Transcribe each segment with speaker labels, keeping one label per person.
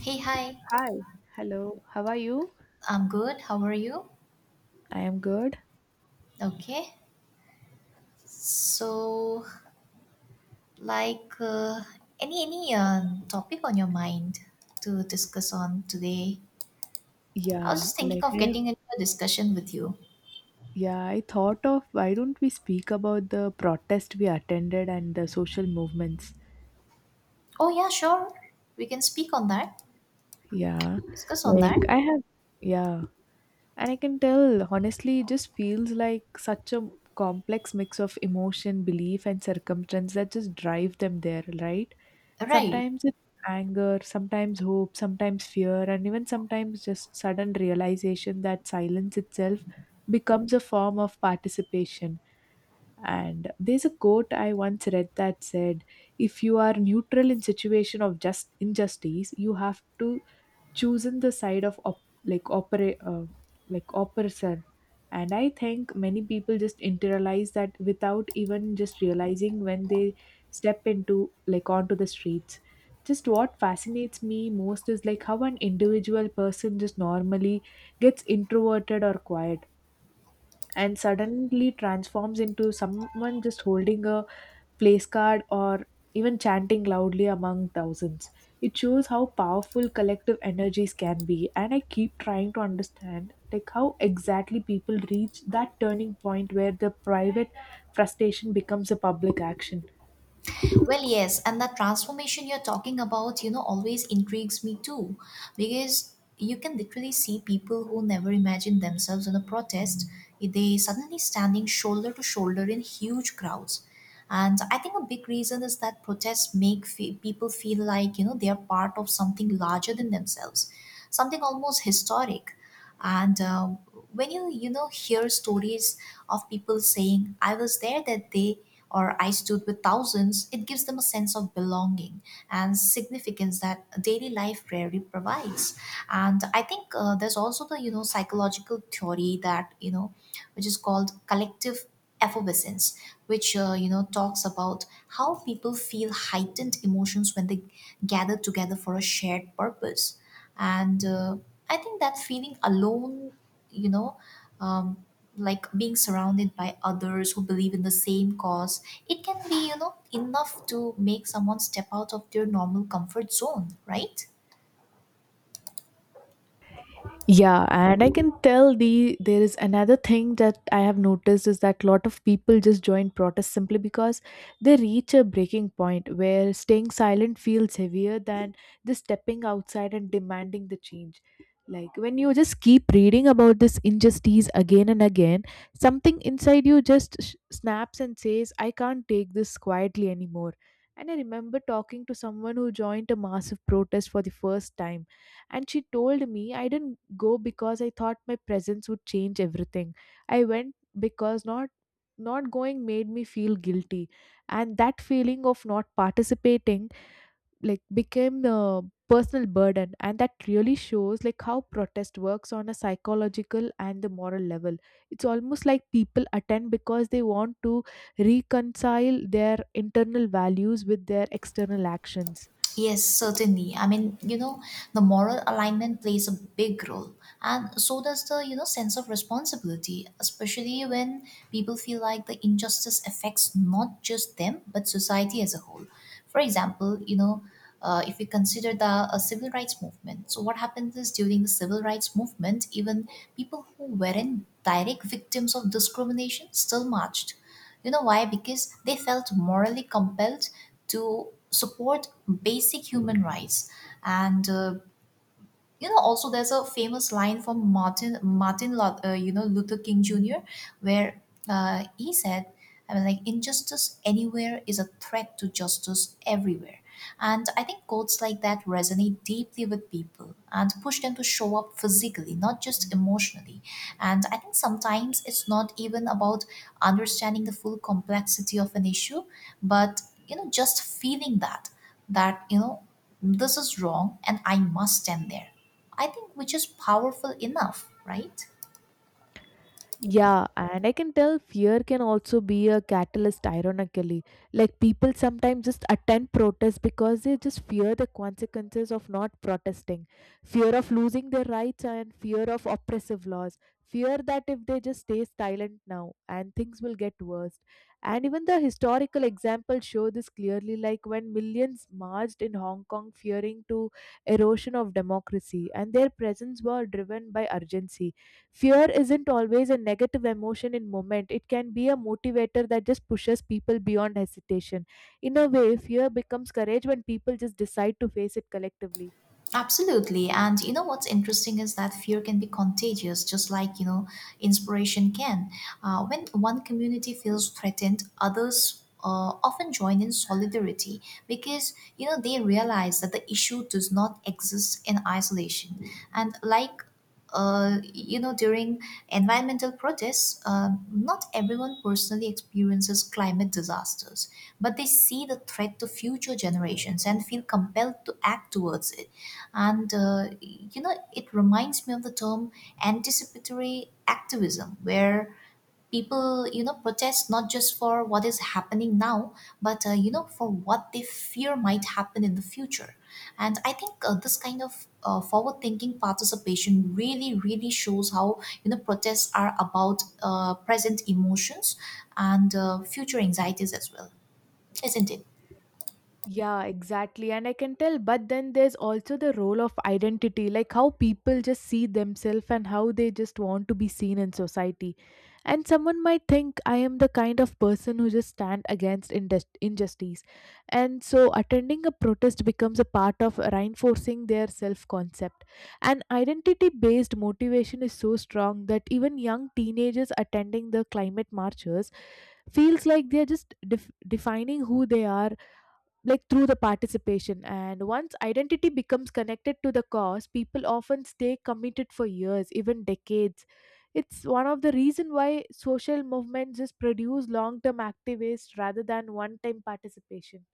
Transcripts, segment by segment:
Speaker 1: Hey, hi.
Speaker 2: Hi. Hello. How are you?
Speaker 1: I'm good. How are you?
Speaker 2: I am good.
Speaker 1: Okay. So, like, uh, any topic on your mind to discuss on today? I was
Speaker 2: Yeah,
Speaker 1: just thinking
Speaker 2: like
Speaker 1: of
Speaker 2: I,
Speaker 1: getting into a discussion with you.
Speaker 2: yeah, I thought of why don't we speak about the protest we attended and the social movements.
Speaker 1: Oh yeah, sure. We can speak on that.
Speaker 2: Yeah,
Speaker 1: Discuss on
Speaker 2: like
Speaker 1: that.
Speaker 2: I have, yeah, and I can tell honestly, it just feels like such a complex mix of emotion, belief, and circumstance that just drive them there, right?
Speaker 1: Right.
Speaker 2: Sometimes it's anger, sometimes hope, sometimes fear, and even sometimes just sudden realization that silence itself becomes a form of participation. And there's a quote I once read that said, if you are neutral in situation of just injustice, you have to chosen the side of op- like opera like oppressor, and I think many people just internalize that without even just realizing when they step into, like, onto the streets. Just what fascinates me most is like how an individual person just normally gets introverted or quiet and suddenly transforms into someone just holding a place card or even chanting loudly among thousands. It shows how powerful collective energies can be, and I keep trying to understand like how exactly people reach that turning point where the private frustration becomes a public action.
Speaker 1: Well, yes, and that transformation you're talking about, always intrigues me too, because you can literally see people who never imagined themselves in a protest, they suddenly standing shoulder to shoulder in huge crowds. And I think a big reason is that protests make people feel like, they are part of something larger than themselves, something almost historic. And When you know hear stories of people saying, "I was there that day," or, "I stood with thousands," it gives them a sense of belonging and significance that daily life rarely provides. And I think there's also the psychological theory that you know which is called collective effervescence, which talks about how people feel heightened emotions when they gather together for a shared purpose. And I think that feeling alone, you know um, like being surrounded by others who believe in the same cause, it can be enough to make someone step out of their normal comfort zone, right?
Speaker 2: Yeah, and I can tell there is another thing that I have noticed is that a lot of people just join protests simply because they reach a breaking point where staying silent feels heavier than just stepping outside and demanding the change. Like when you just keep reading about this injustice again and again, something inside you just snaps and says, "I can't take this quietly anymore." And I remember talking to someone who joined a massive protest for the first time, and she told me I didn't go because I thought my presence would change everything. I went because not going made me feel guilty, and that feeling of not participating like became a personal burden, and that really shows like how protest works on a psychological and the moral level. It's almost like people attend because they want to reconcile their internal values with their external actions.
Speaker 1: Yes, certainly. I mean, the moral alignment plays a big role, and so does the, sense of responsibility, especially when people feel like the injustice affects not just them, but society as a whole. For example, if we consider the civil rights movement, so what happens is during the civil rights movement, even people who weren't direct victims of discrimination still marched. You know why? Because they felt morally compelled to support basic human rights. And also, there's a famous line from Martin Luther King Jr., where he said, I mean, like, injustice anywhere is a threat to justice everywhere. And I think quotes like that resonate deeply with people and push them to show up physically, not just emotionally. And I think sometimes it's not even about understanding the full complexity of an issue, but just feeling that this is wrong and I must stand there. I think, which is powerful enough, right?
Speaker 2: Yeah, and I can tell fear can also be a catalyst, ironically. Like people sometimes just attend protests because they just fear the consequences of not protesting, fear of losing their rights, and fear of oppressive laws, fear that if they just stay silent now and things will get worse. And even the historical examples show this clearly, like when millions marched in Hong Kong fearing to erosion of democracy, and their presence were driven by urgency. Fear isn't always a negative emotion in moment. It can be a motivator that just pushes people beyond hesitation. In a way, fear becomes courage when people just decide to face it collectively.
Speaker 1: Absolutely. And you know what's interesting is that fear can be contagious, just like, inspiration can. When one community feels threatened, others often join in solidarity because, they realize that the issue does not exist in isolation. And like, during environmental protests, not everyone personally experiences climate disasters, but they see the threat to future generations and feel compelled to act towards it. And, it reminds me of the term anticipatory activism, where people, protest not just for what is happening now, but, for what they fear might happen in the future. And I think this kind of forward thinking participation really, really shows how, protests are about present emotions and future anxieties as well, isn't it?
Speaker 2: Yeah, exactly. And I can tell, but then there's also the role of identity, like how people just see themselves and how they just want to be seen in society. And someone might think I am the kind of person who just stand against injustice. And so attending a protest becomes a part of reinforcing their self-concept. And identity-based motivation is so strong that even young teenagers attending the climate marches feels like they're just defining who they are like through the participation. And once identity becomes connected to the cause, people often stay committed for years, even decades. It's one of the reason why social movements just produce long term activists rather than one time participation.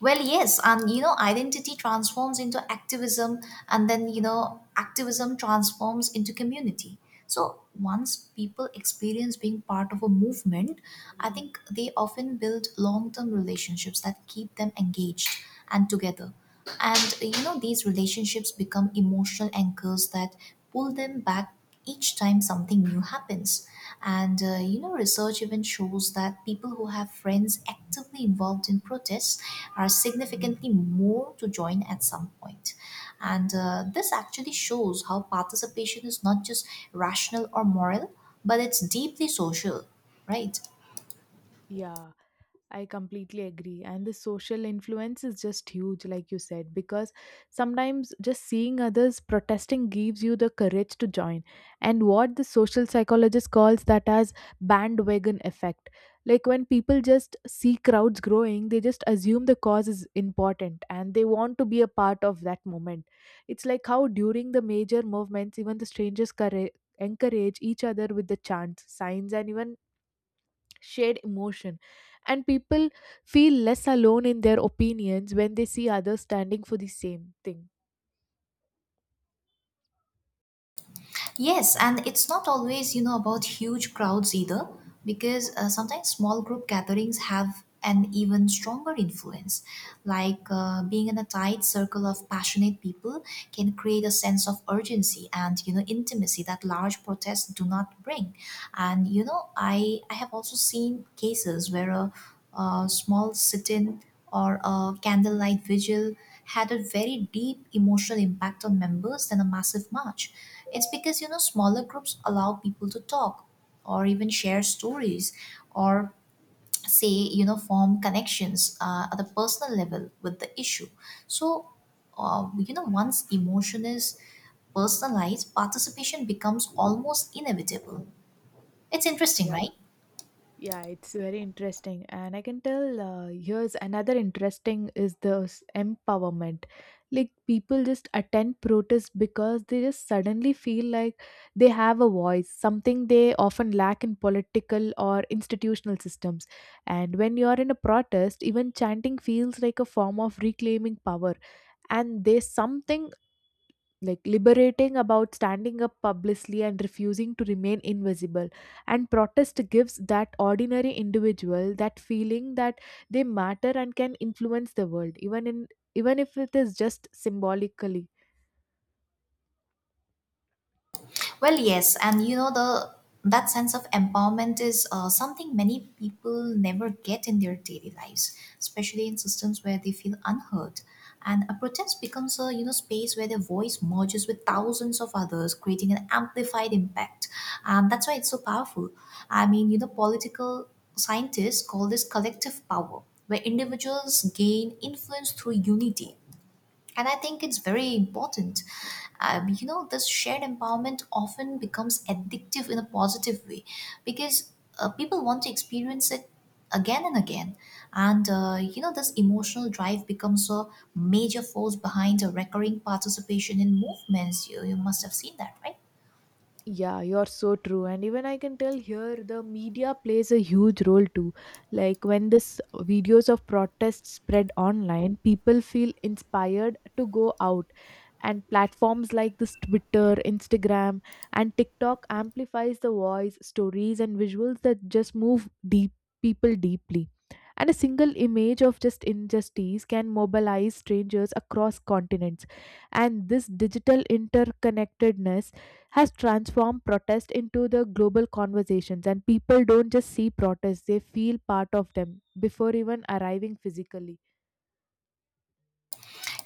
Speaker 1: Well, yes, and identity transforms into activism, and then activism transforms into community. So once people experience being part of a movement, I think they often build long-term relationships that keep them engaged and together. And these relationships become emotional anchors that pull them back each time something new happens. And research even shows that people who have friends actively involved in protests are significantly more to join at some point. And this actually shows how participation is not just rational or moral, but it's deeply social, right?
Speaker 2: Yeah, I completely agree. And the social influence is just huge, like you said, because sometimes just seeing others protesting gives you the courage to join. And what the social psychologist calls that as bandwagon effect. Like when people just see crowds growing, they just assume the cause is important and they want to be a part of that moment. It's like how during the major movements, even the strangers courage encourage each other with the chants, signs, and even shared emotion, and people feel less alone in their opinions when they see others standing for the same thing.
Speaker 1: Yes, and it's not always, about huge crowds either, because sometimes small group gatherings have an even stronger influence. Like being in a tight circle of passionate people can create a sense of urgency and, intimacy that large protests do not bring. And, I have also seen cases where a small sit in, or a candlelight vigil had a very deep emotional impact on members than a massive march. It's because, smaller groups allow people to talk or even share stories or say, form connections at a personal level with the issue. So, once emotion is personalized, participation becomes almost inevitable. It's interesting,
Speaker 2: yeah
Speaker 1: right?
Speaker 2: yeah It's very interesting, and I can tell, here's another interesting is the empowerment. Like people just attend protests because they just suddenly feel like they have a voice, something they often lack in political or institutional systems. And when you are in a protest, even chanting feels like a form of reclaiming power. And there's something like liberating about standing up publicly and refusing to remain invisible. And protest gives that ordinary individual that feeling that they matter and can influence the world, even if it is just symbolically.
Speaker 1: Well, yes, and you know the that sense of empowerment is something many people never get in their daily lives, especially in systems where they feel unheard. And a protest becomes a space where their voice merges with thousands of others, creating an amplified impact. And that's why it's so powerful. I mean, political scientists call this collective power, where individuals gain influence through unity. And I think it's very important. This shared empowerment often becomes addictive in a positive way, because people want to experience it again and again. And this emotional drive becomes a major force behind a recurring participation in movements. You must have seen that, right?
Speaker 2: Yeah, you're so true. And even I can tell here the media plays a huge role too. Like when this videos of protests spread online, people feel inspired to go out, and platforms like this Twitter, Instagram and TikTok amplifies the voice, stories and visuals that just move deep people deeply. And a single image of just injustice can mobilize strangers across continents. And this digital interconnectedness has transformed protest into the global conversations, and people don't just see protests, they feel part of them before even arriving physically.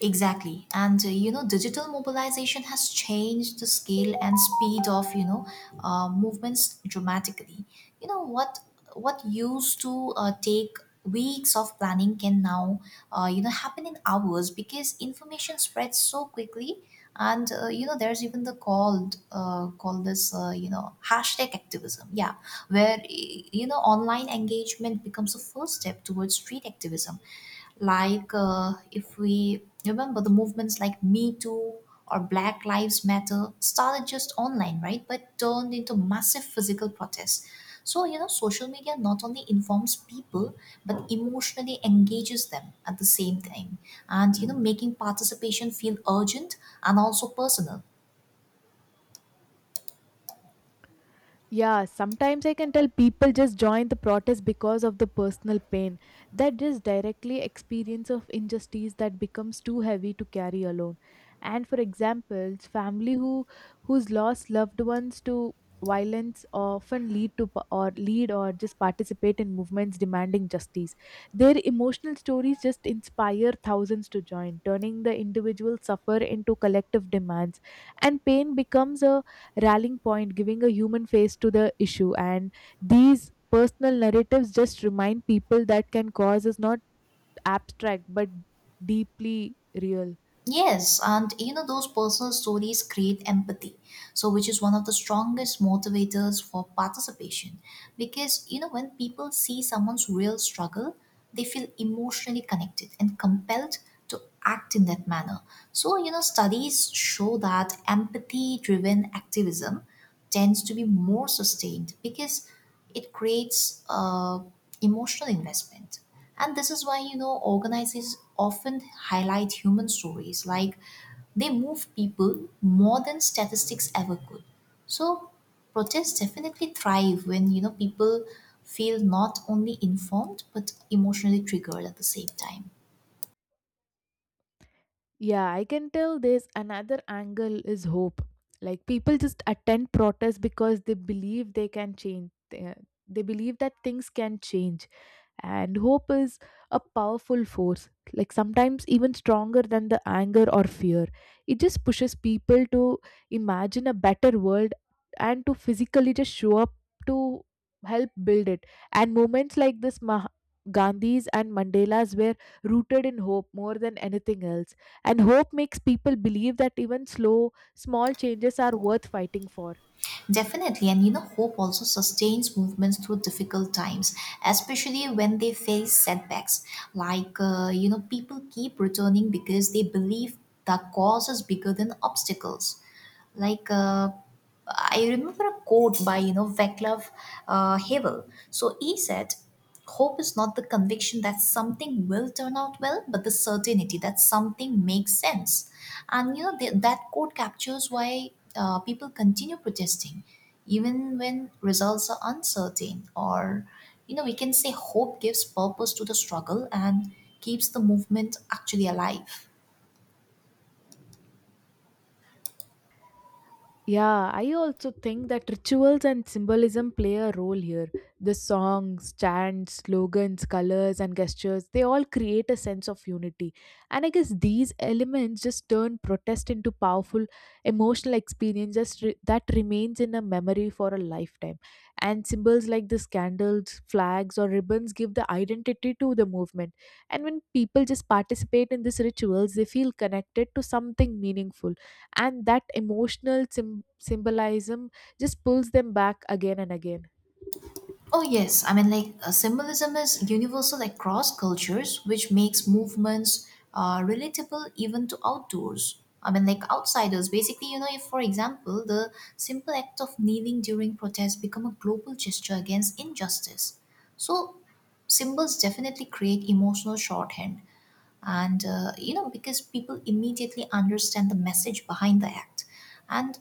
Speaker 1: Exactly. And digital mobilization has changed the scale and speed of, movements dramatically. You know, what what used to take weeks of planning can now, happen in hours because information spreads so quickly. And there's even the called called this hashtag activism, yeah, where online engagement becomes a first step towards street activism. Like, if we remember the movements like Me Too or Black Lives Matter started just online, right? But turned into massive physical protests. So, social media not only informs people but emotionally engages them at the same time, and, making participation feel urgent and also personal.
Speaker 2: Yeah, sometimes I can tell people just join the protest because of the personal pain. That just directly experience of injustice that becomes too heavy to carry alone. And for examples, family who who's lost loved ones to violence often lead to pa- or lead or just participate in movements demanding justice. Their emotional stories just inspire thousands to join, turning the individual suffer into collective demands, and pain becomes a rallying point, giving a human face to the issue. And these personal narratives just remind people that can cause is not abstract but deeply real.
Speaker 1: Yes, and those personal stories create empathy, so which is one of the strongest motivators for participation, because when people see someone's real struggle, they feel emotionally connected and compelled to act in that manner. So, studies show that empathy-driven activism tends to be more sustained because it creates emotional investment. And this is why, organizers often highlight human stories. Like, they move people more than statistics ever could. So protests definitely thrive when, people feel not only informed but emotionally triggered at the same time.
Speaker 2: Yeah, I can tell there's another angle is hope. Like people just attend protests because they believe they can change. They believe that things can change. And hope is a powerful force, like sometimes even stronger than the anger or fear. It just pushes people to imagine a better world and to physically just show up to help build it. And moments like this Gandhi's and Mandela's were rooted in hope more than anything else. And hope makes people believe that even slow small changes are worth fighting for.
Speaker 1: Definitely, and hope also sustains movements through difficult times, especially when they face setbacks. Like, people keep returning because they believe the cause is bigger than obstacles. Like, I remember a quote by Vaclav Havel. So he said, "Hope is not the conviction that something will turn out well but the certainty that something makes sense." And that quote captures why people continue protesting even when results are uncertain. Or, we can say, hope gives purpose to the struggle and keeps the movement actually alive.
Speaker 2: Yeah, I also think that rituals and symbolism play a role here. The songs, chants, slogans, colors, and gestures, they all create a sense of unity. And I guess these elements just turn protest into powerful emotional experiences that remains in a memory for a lifetime. And symbols like the candles, flags, or ribbons give the identity to the movement. And when people just participate in these rituals, they feel connected to something meaningful, and that emotional symbolism just pulls them back again and again.
Speaker 1: Oh, yes. I mean, like, symbolism is universal across cultures, which makes movements relatable even to outdoors. I mean, like, outsiders, basically, if, for example, the simple act of kneeling during protests become a global gesture against injustice. So, symbols definitely create emotional shorthand. And because people immediately understand the message behind the act. And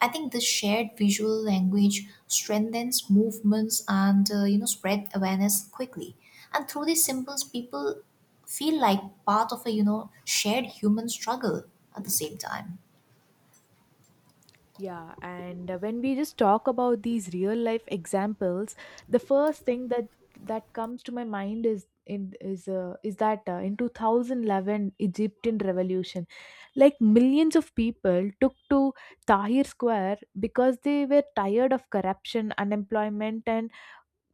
Speaker 1: I think this shared visual language strengthens movements and spread awareness quickly. And through these symbols, people feel like part of a shared human struggle at the same time.
Speaker 2: Yeah, and when we just talk about these real life examples, the first thing that comes to my mind is in is is that in 2011 Egyptian revolution, like millions of people took to Tahrir Square because they were tired of corruption, unemployment, and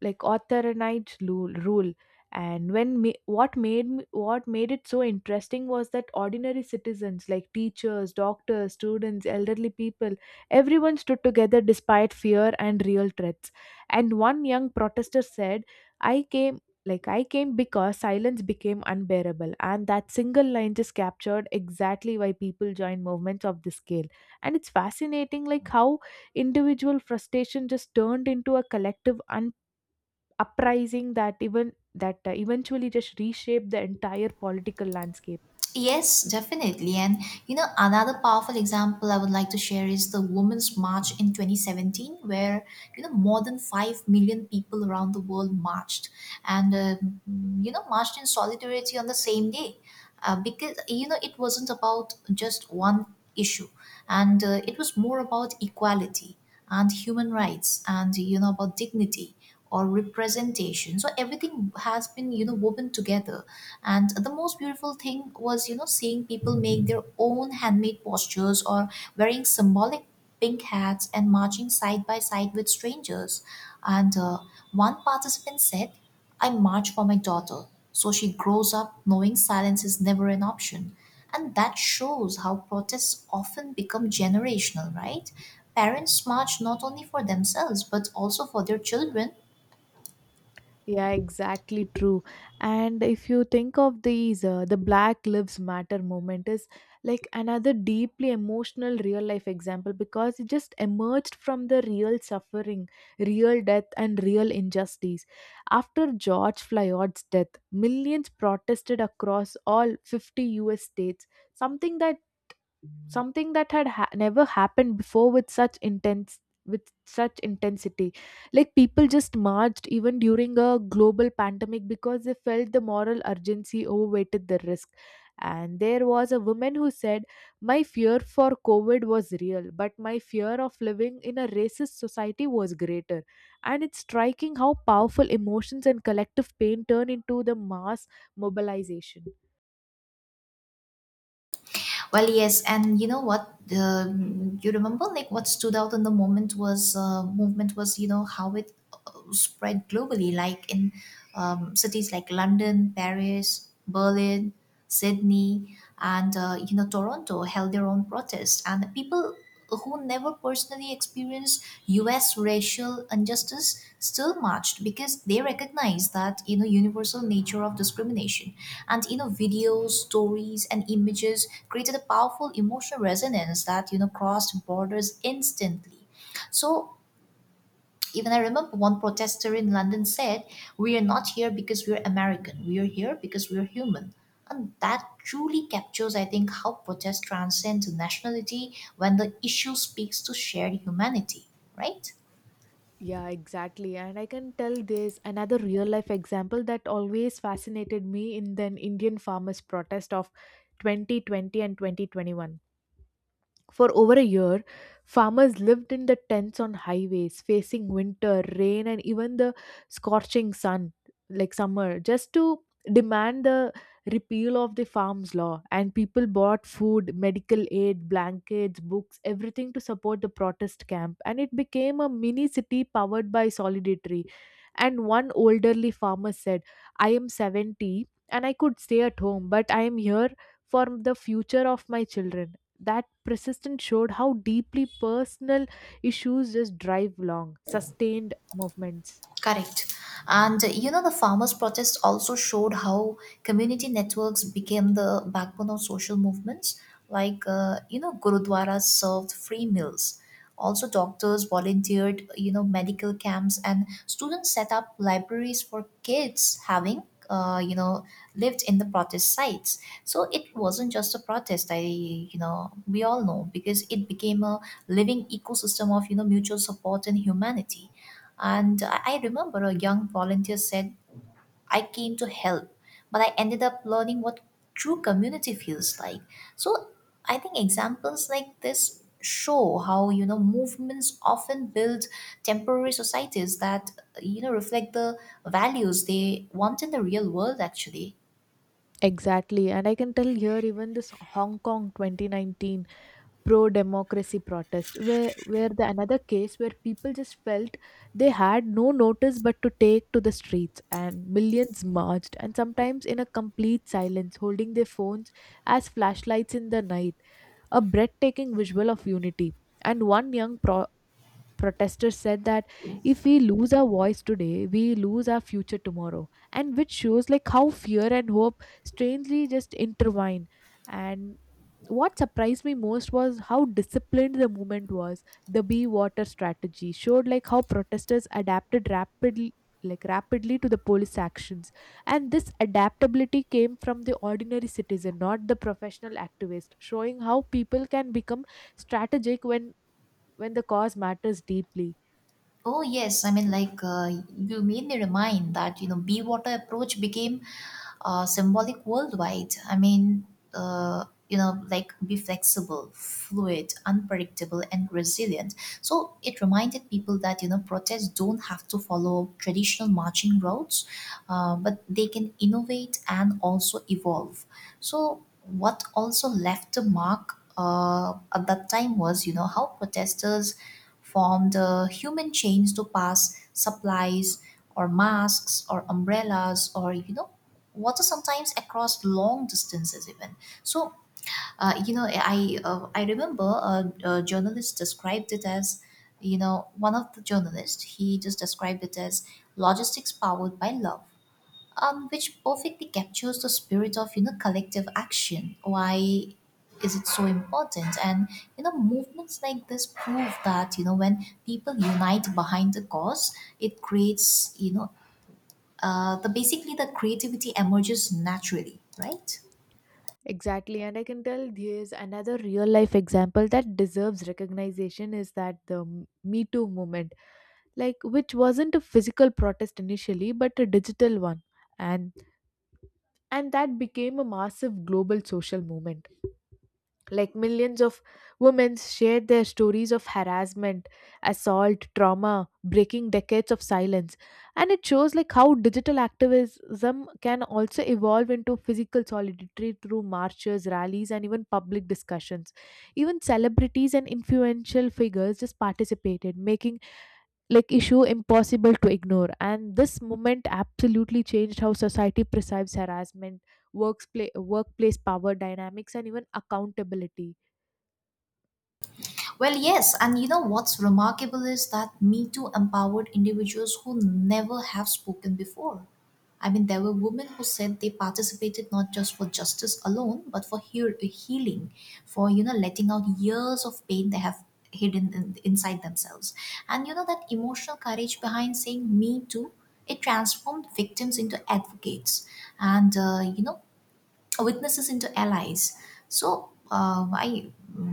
Speaker 2: like rule. And what made what made it so interesting was that ordinary citizens like teachers, doctors, students, elderly people, everyone stood together despite fear and real threats. And one young protester said, i came I came because silence became unbearable. And that single line just captured exactly why people join movements of this scale. And it's fascinating like how individual frustration just turned into a collective uprising that eventually just reshaped the entire political landscape.
Speaker 1: Yes, definitely. And another powerful example I would like to share is the Women's March in 2017, where more than 5 million people around the world marched, and marched in solidarity on the same day, because it wasn't about just one issue, and it was more about equality and human rights, and about dignity or representation. So everything has been woven together, and the most beautiful thing was seeing people make their own handmade postures or wearing symbolic pink hats and marching side by side with strangers. And one participant said, "I march for my daughter so she grows up knowing silence is never an option." And that shows how protests often become generational, right? Parents march not only for themselves but also for their children.
Speaker 2: Yeah, exactly true. And if you think of these, the Black Lives Matter moment is like another deeply emotional real life example because it just emerged from the real suffering, real death, and real injustice. After George Floyd's death, millions protested across all 50 US states, something that something that never happened before with such intense with such intensity. Like people just marched even during a global pandemic because they felt the moral urgency overweighted the risk. And there was a woman who said my fear for COVID was real, but my fear of living in a racist society was greater. And it's striking how powerful emotions and collective pain turn into the mass mobilization.
Speaker 1: Well, yes, and you know what? You remember, like what stood out in the moment was movement was you know how it spread globally, like in cities like London, Paris, Berlin, Sydney, and you know Toronto held their own protests, and people who never personally experienced US racial injustice still marched because they recognize that you know universal nature of discrimination. And you know videos stories and images created a powerful emotional resonance that you know crossed borders instantly. So even I remember one protester in London said, "We are not here because we're American. We are here because we're human." And that truly captures, I think, how protest transcends nationality when the issue speaks to shared humanity, right?
Speaker 2: Yeah, exactly. And I can tell this another real life example that always fascinated me in the Indian farmers' protest of 2020 and 2021. For over a year, farmers lived in the tents on highways, facing winter, rain, and even the scorching sun, like summer, just to demand the repeal of the farms law. And people bought food, medical aid, blankets, books, everything to support the protest camp. And it became a mini city powered by solidarity. And one elderly farmer said, I am 70 and I could stay at home, but I am here for the future of my children. That persistence showed how deeply personal issues just drive long, sustained movements.
Speaker 1: Correct. And you know, the farmers' protest also showed how community networks became the backbone of social movements. Like, you know, gurudwaras served free meals. Also, doctors volunteered, you know, medical camps, and students set up libraries for kids having, you know, lived in the protest sites. So it wasn't just a protest, I, you know, we all know, because it became a living ecosystem of, you know, mutual support and humanity. And I remember a young volunteer said, "I came to help, but I ended up learning what true community feels like." So I think examples like this show how you know movements often build temporary societies that you know reflect the values they want in the real world actually.
Speaker 2: Exactly, and I can tell here even this Hong Kong 2019 pro democracy protest, where the another case where people just felt they had no notice but to take to the streets, and millions marched, and sometimes in a complete silence, holding their phones as flashlights in the night, a breathtaking visual of unity. And one protesters said that if we lose our voice today, we lose our future tomorrow. And which shows like how fear and hope strangely just intertwine. And what surprised me most was how disciplined the movement was. The be water strategy showed like how protesters adapted rapidly like rapidly to the police actions, and this adaptability came from the ordinary citizen, not the professional activist, showing how people can become strategic when the cause matters deeply.
Speaker 1: Oh yes, I mean like you made me remind that you know Bee water approach became symbolic worldwide. I mean, you know, like be flexible, fluid, unpredictable, and resilient. So it reminded people that you know protests don't have to follow traditional marching routes, but they can innovate and also evolve. So what also left a mark at that time was you know how protesters form the human chains to pass supplies or masks or umbrellas or you know water sometimes across long distances even. So you know I remember a journalist described it as you know one of the journalists he just described it as logistics powered by love. Which perfectly captures the spirit of you know collective action. Why is it so important? And you know, movements like this prove that you know when people unite behind the cause, it creates you know the basically the creativity emerges naturally, right?
Speaker 2: Exactly, and I can tell there's another real life example that deserves recognition is that the Me Too movement, like which wasn't a physical protest initially but a digital one, and that became a massive global social movement, like millions of women shared their stories of harassment, assault, trauma, breaking decades of silence. And it shows like how digital activism can also evolve into physical solidarity through marches, rallies, and even public discussions. Even celebrities and influential figures just participated, making like issue impossible to ignore, and this moment absolutely changed how society perceives harassment, workplace power dynamics, and even accountability.
Speaker 1: Well, yes, and you know what's remarkable is that Me Too empowered individuals who never have spoken before. I mean, there were women who said they participated not just for justice alone, but for healing, for you know letting out years of pain they have hidden inside themselves, and you know that emotional courage behind saying "Me Too." It transformed victims into advocates, and you know witnesses into allies. So I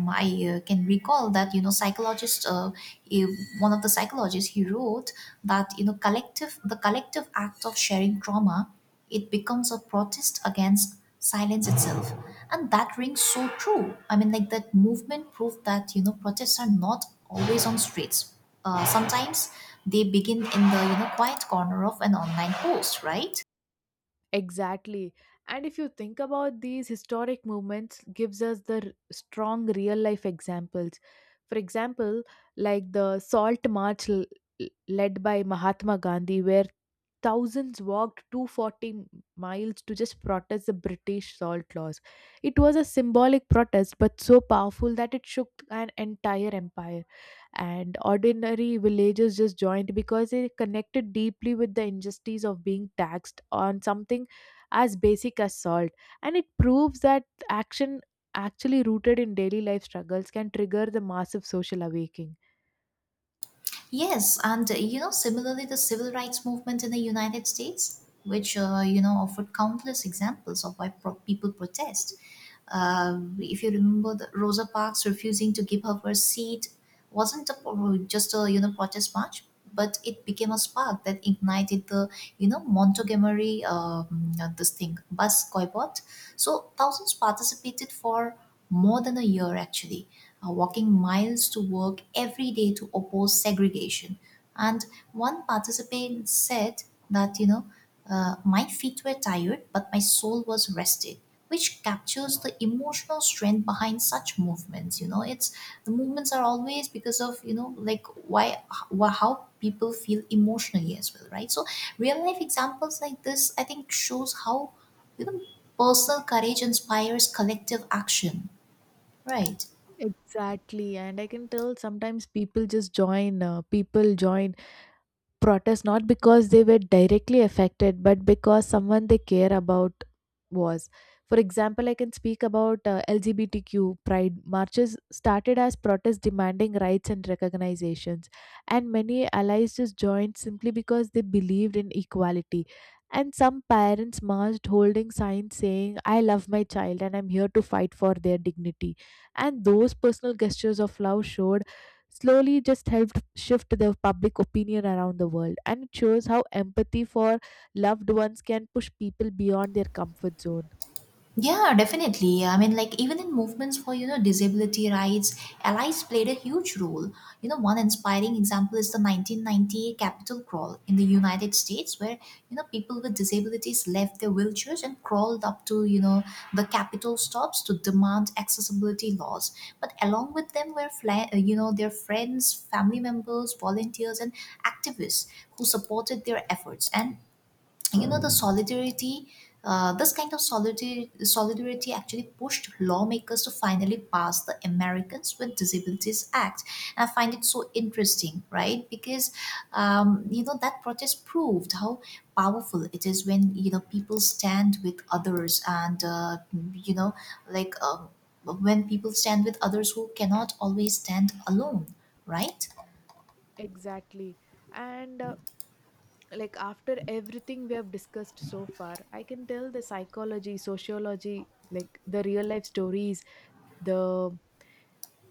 Speaker 1: I uh, can recall that you know eh, one of the psychologists he wrote that you know collective the collective act of sharing trauma, it becomes a protest against silence itself. And that rings so true. I mean like that movement proved that you know protests are not always on streets. Sometimes they begin in the you know quiet corner of an online post, right?
Speaker 2: Exactly. And if you think about these historic movements gives us the strong real life examples. For example, like the led by Mahatma Gandhi, where thousands walked 240 miles to just protest the British salt laws. It was a symbolic protest, but so powerful that it shook an entire empire. And ordinary villagers just joined because they connected deeply with the injustice of being taxed on something as basic as salt. And it proves that action actually rooted in daily life struggles can trigger the massive social awakening.
Speaker 1: Yes, and you know, similarly, the civil rights movement in the United States, which you know offered countless examples of why people protest. If you remember, the Rosa Parks refusing to give up her seat wasn't just a you know protest march, but it became a spark that ignited the you know Montgomery this thing bus boycott. So thousands participated for more than a year actually walking miles to work every day to oppose segregation. And one participant said that, you know, my feet were tired, but my soul was rested, which captures the emotional strength behind such movements. You know, it's the movements are always because of, you know, like why, how people feel emotionally as well, right? So, real life examples like this, I think, shows how, you know, personal courage inspires collective action, right?
Speaker 2: Exactly, and I can tell sometimes people just people join protest not because they were directly affected but because someone they care about was. For example, I can speak about LGBTQ pride marches started as protests demanding rights and recognizations, and many allies just joined simply because they believed in equality, and some parents marched holding signs saying I love my child and I'm here to fight for their dignity. And those personal gestures of love showed, slowly just helped shift the public opinion around the world, and it shows how empathy for loved ones can push people beyond their comfort zone.
Speaker 1: Yeah, definitely. I mean, like, even in movements for, you know, disability rights, allies played a huge role. You know, one inspiring example is the 1990 Capitol Crawl in the United States, where, you know, people with disabilities left their wheelchairs and crawled up to, you know, the Capitol stops to demand accessibility laws. But along with them were, you know, their friends, family members, volunteers, and activists who supported their efforts. And you know the solidarity this kind of solidarity actually pushed lawmakers to finally pass the Americans with Disabilities Act. And I find it so interesting, right? Because, you know, that protest proved how powerful it is when, you know, people stand with others and, you know, like um, when people stand with others who cannot always stand alone, right?
Speaker 2: Exactly. And like after everything we have discussed so far, I can tell the psychology, sociology, like the real life stories, the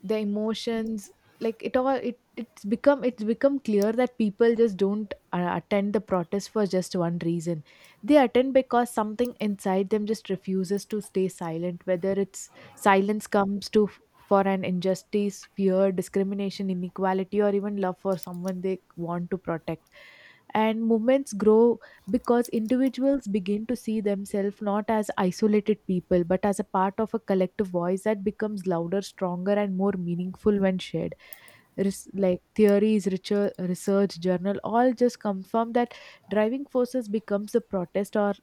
Speaker 2: the emotions, like it all it's become clear that people just don't attend the protest for just one reason. They attend because something inside them just refuses to stay silent, whether it's silence comes for an injustice, fear, discrimination, inequality, or even love for someone they want to protect. And movements grow because individuals begin to see themselves not as isolated people but as a part of a collective voice that becomes louder, stronger, and more meaningful when shared. Like theories, richer research, journal, all just confirm that driving forces becomes the protest, or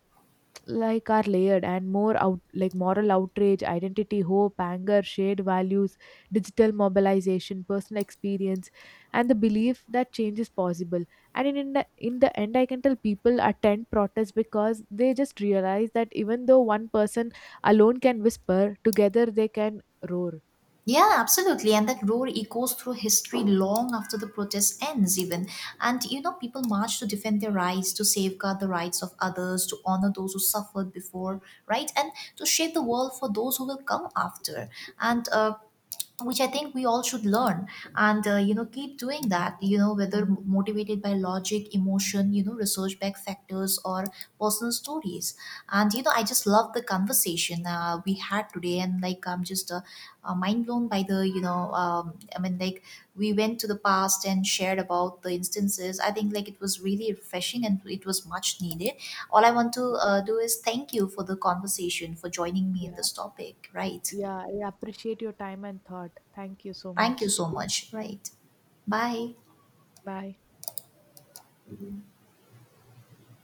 Speaker 2: like are layered and more out, like moral outrage, identity, hope, anger, shared values, digital mobilization, personal experience, and the belief that change is possible. And in the end I can tell people attend protests because they just realize that even though one person alone can whisper, together they can roar.
Speaker 1: Yeah, absolutely. And that roar echoes through history long after the protest ends, even. And you know, people march to defend their rights, to safeguard the rights of others, to honor those who suffered before, right? And to shape the world for those who will come after. And which I think we all should learn, and you know keep doing that, you know, whether motivated by logic, emotion, you know, research back factors, or personal stories. And you know I just love the conversation we had today, and like I'm just mind blown by the you know I mean like we went to the past and shared about the instances. I think like it was really refreshing and it was much needed. All I want to do is thank you for the conversation, for joining me in
Speaker 2: Yeah.
Speaker 1: this topic, right?
Speaker 2: Yeah, I appreciate your time and thought. Thank you so
Speaker 1: Thank you
Speaker 2: much.
Speaker 1: so much. Right. Bye.
Speaker 2: Bye.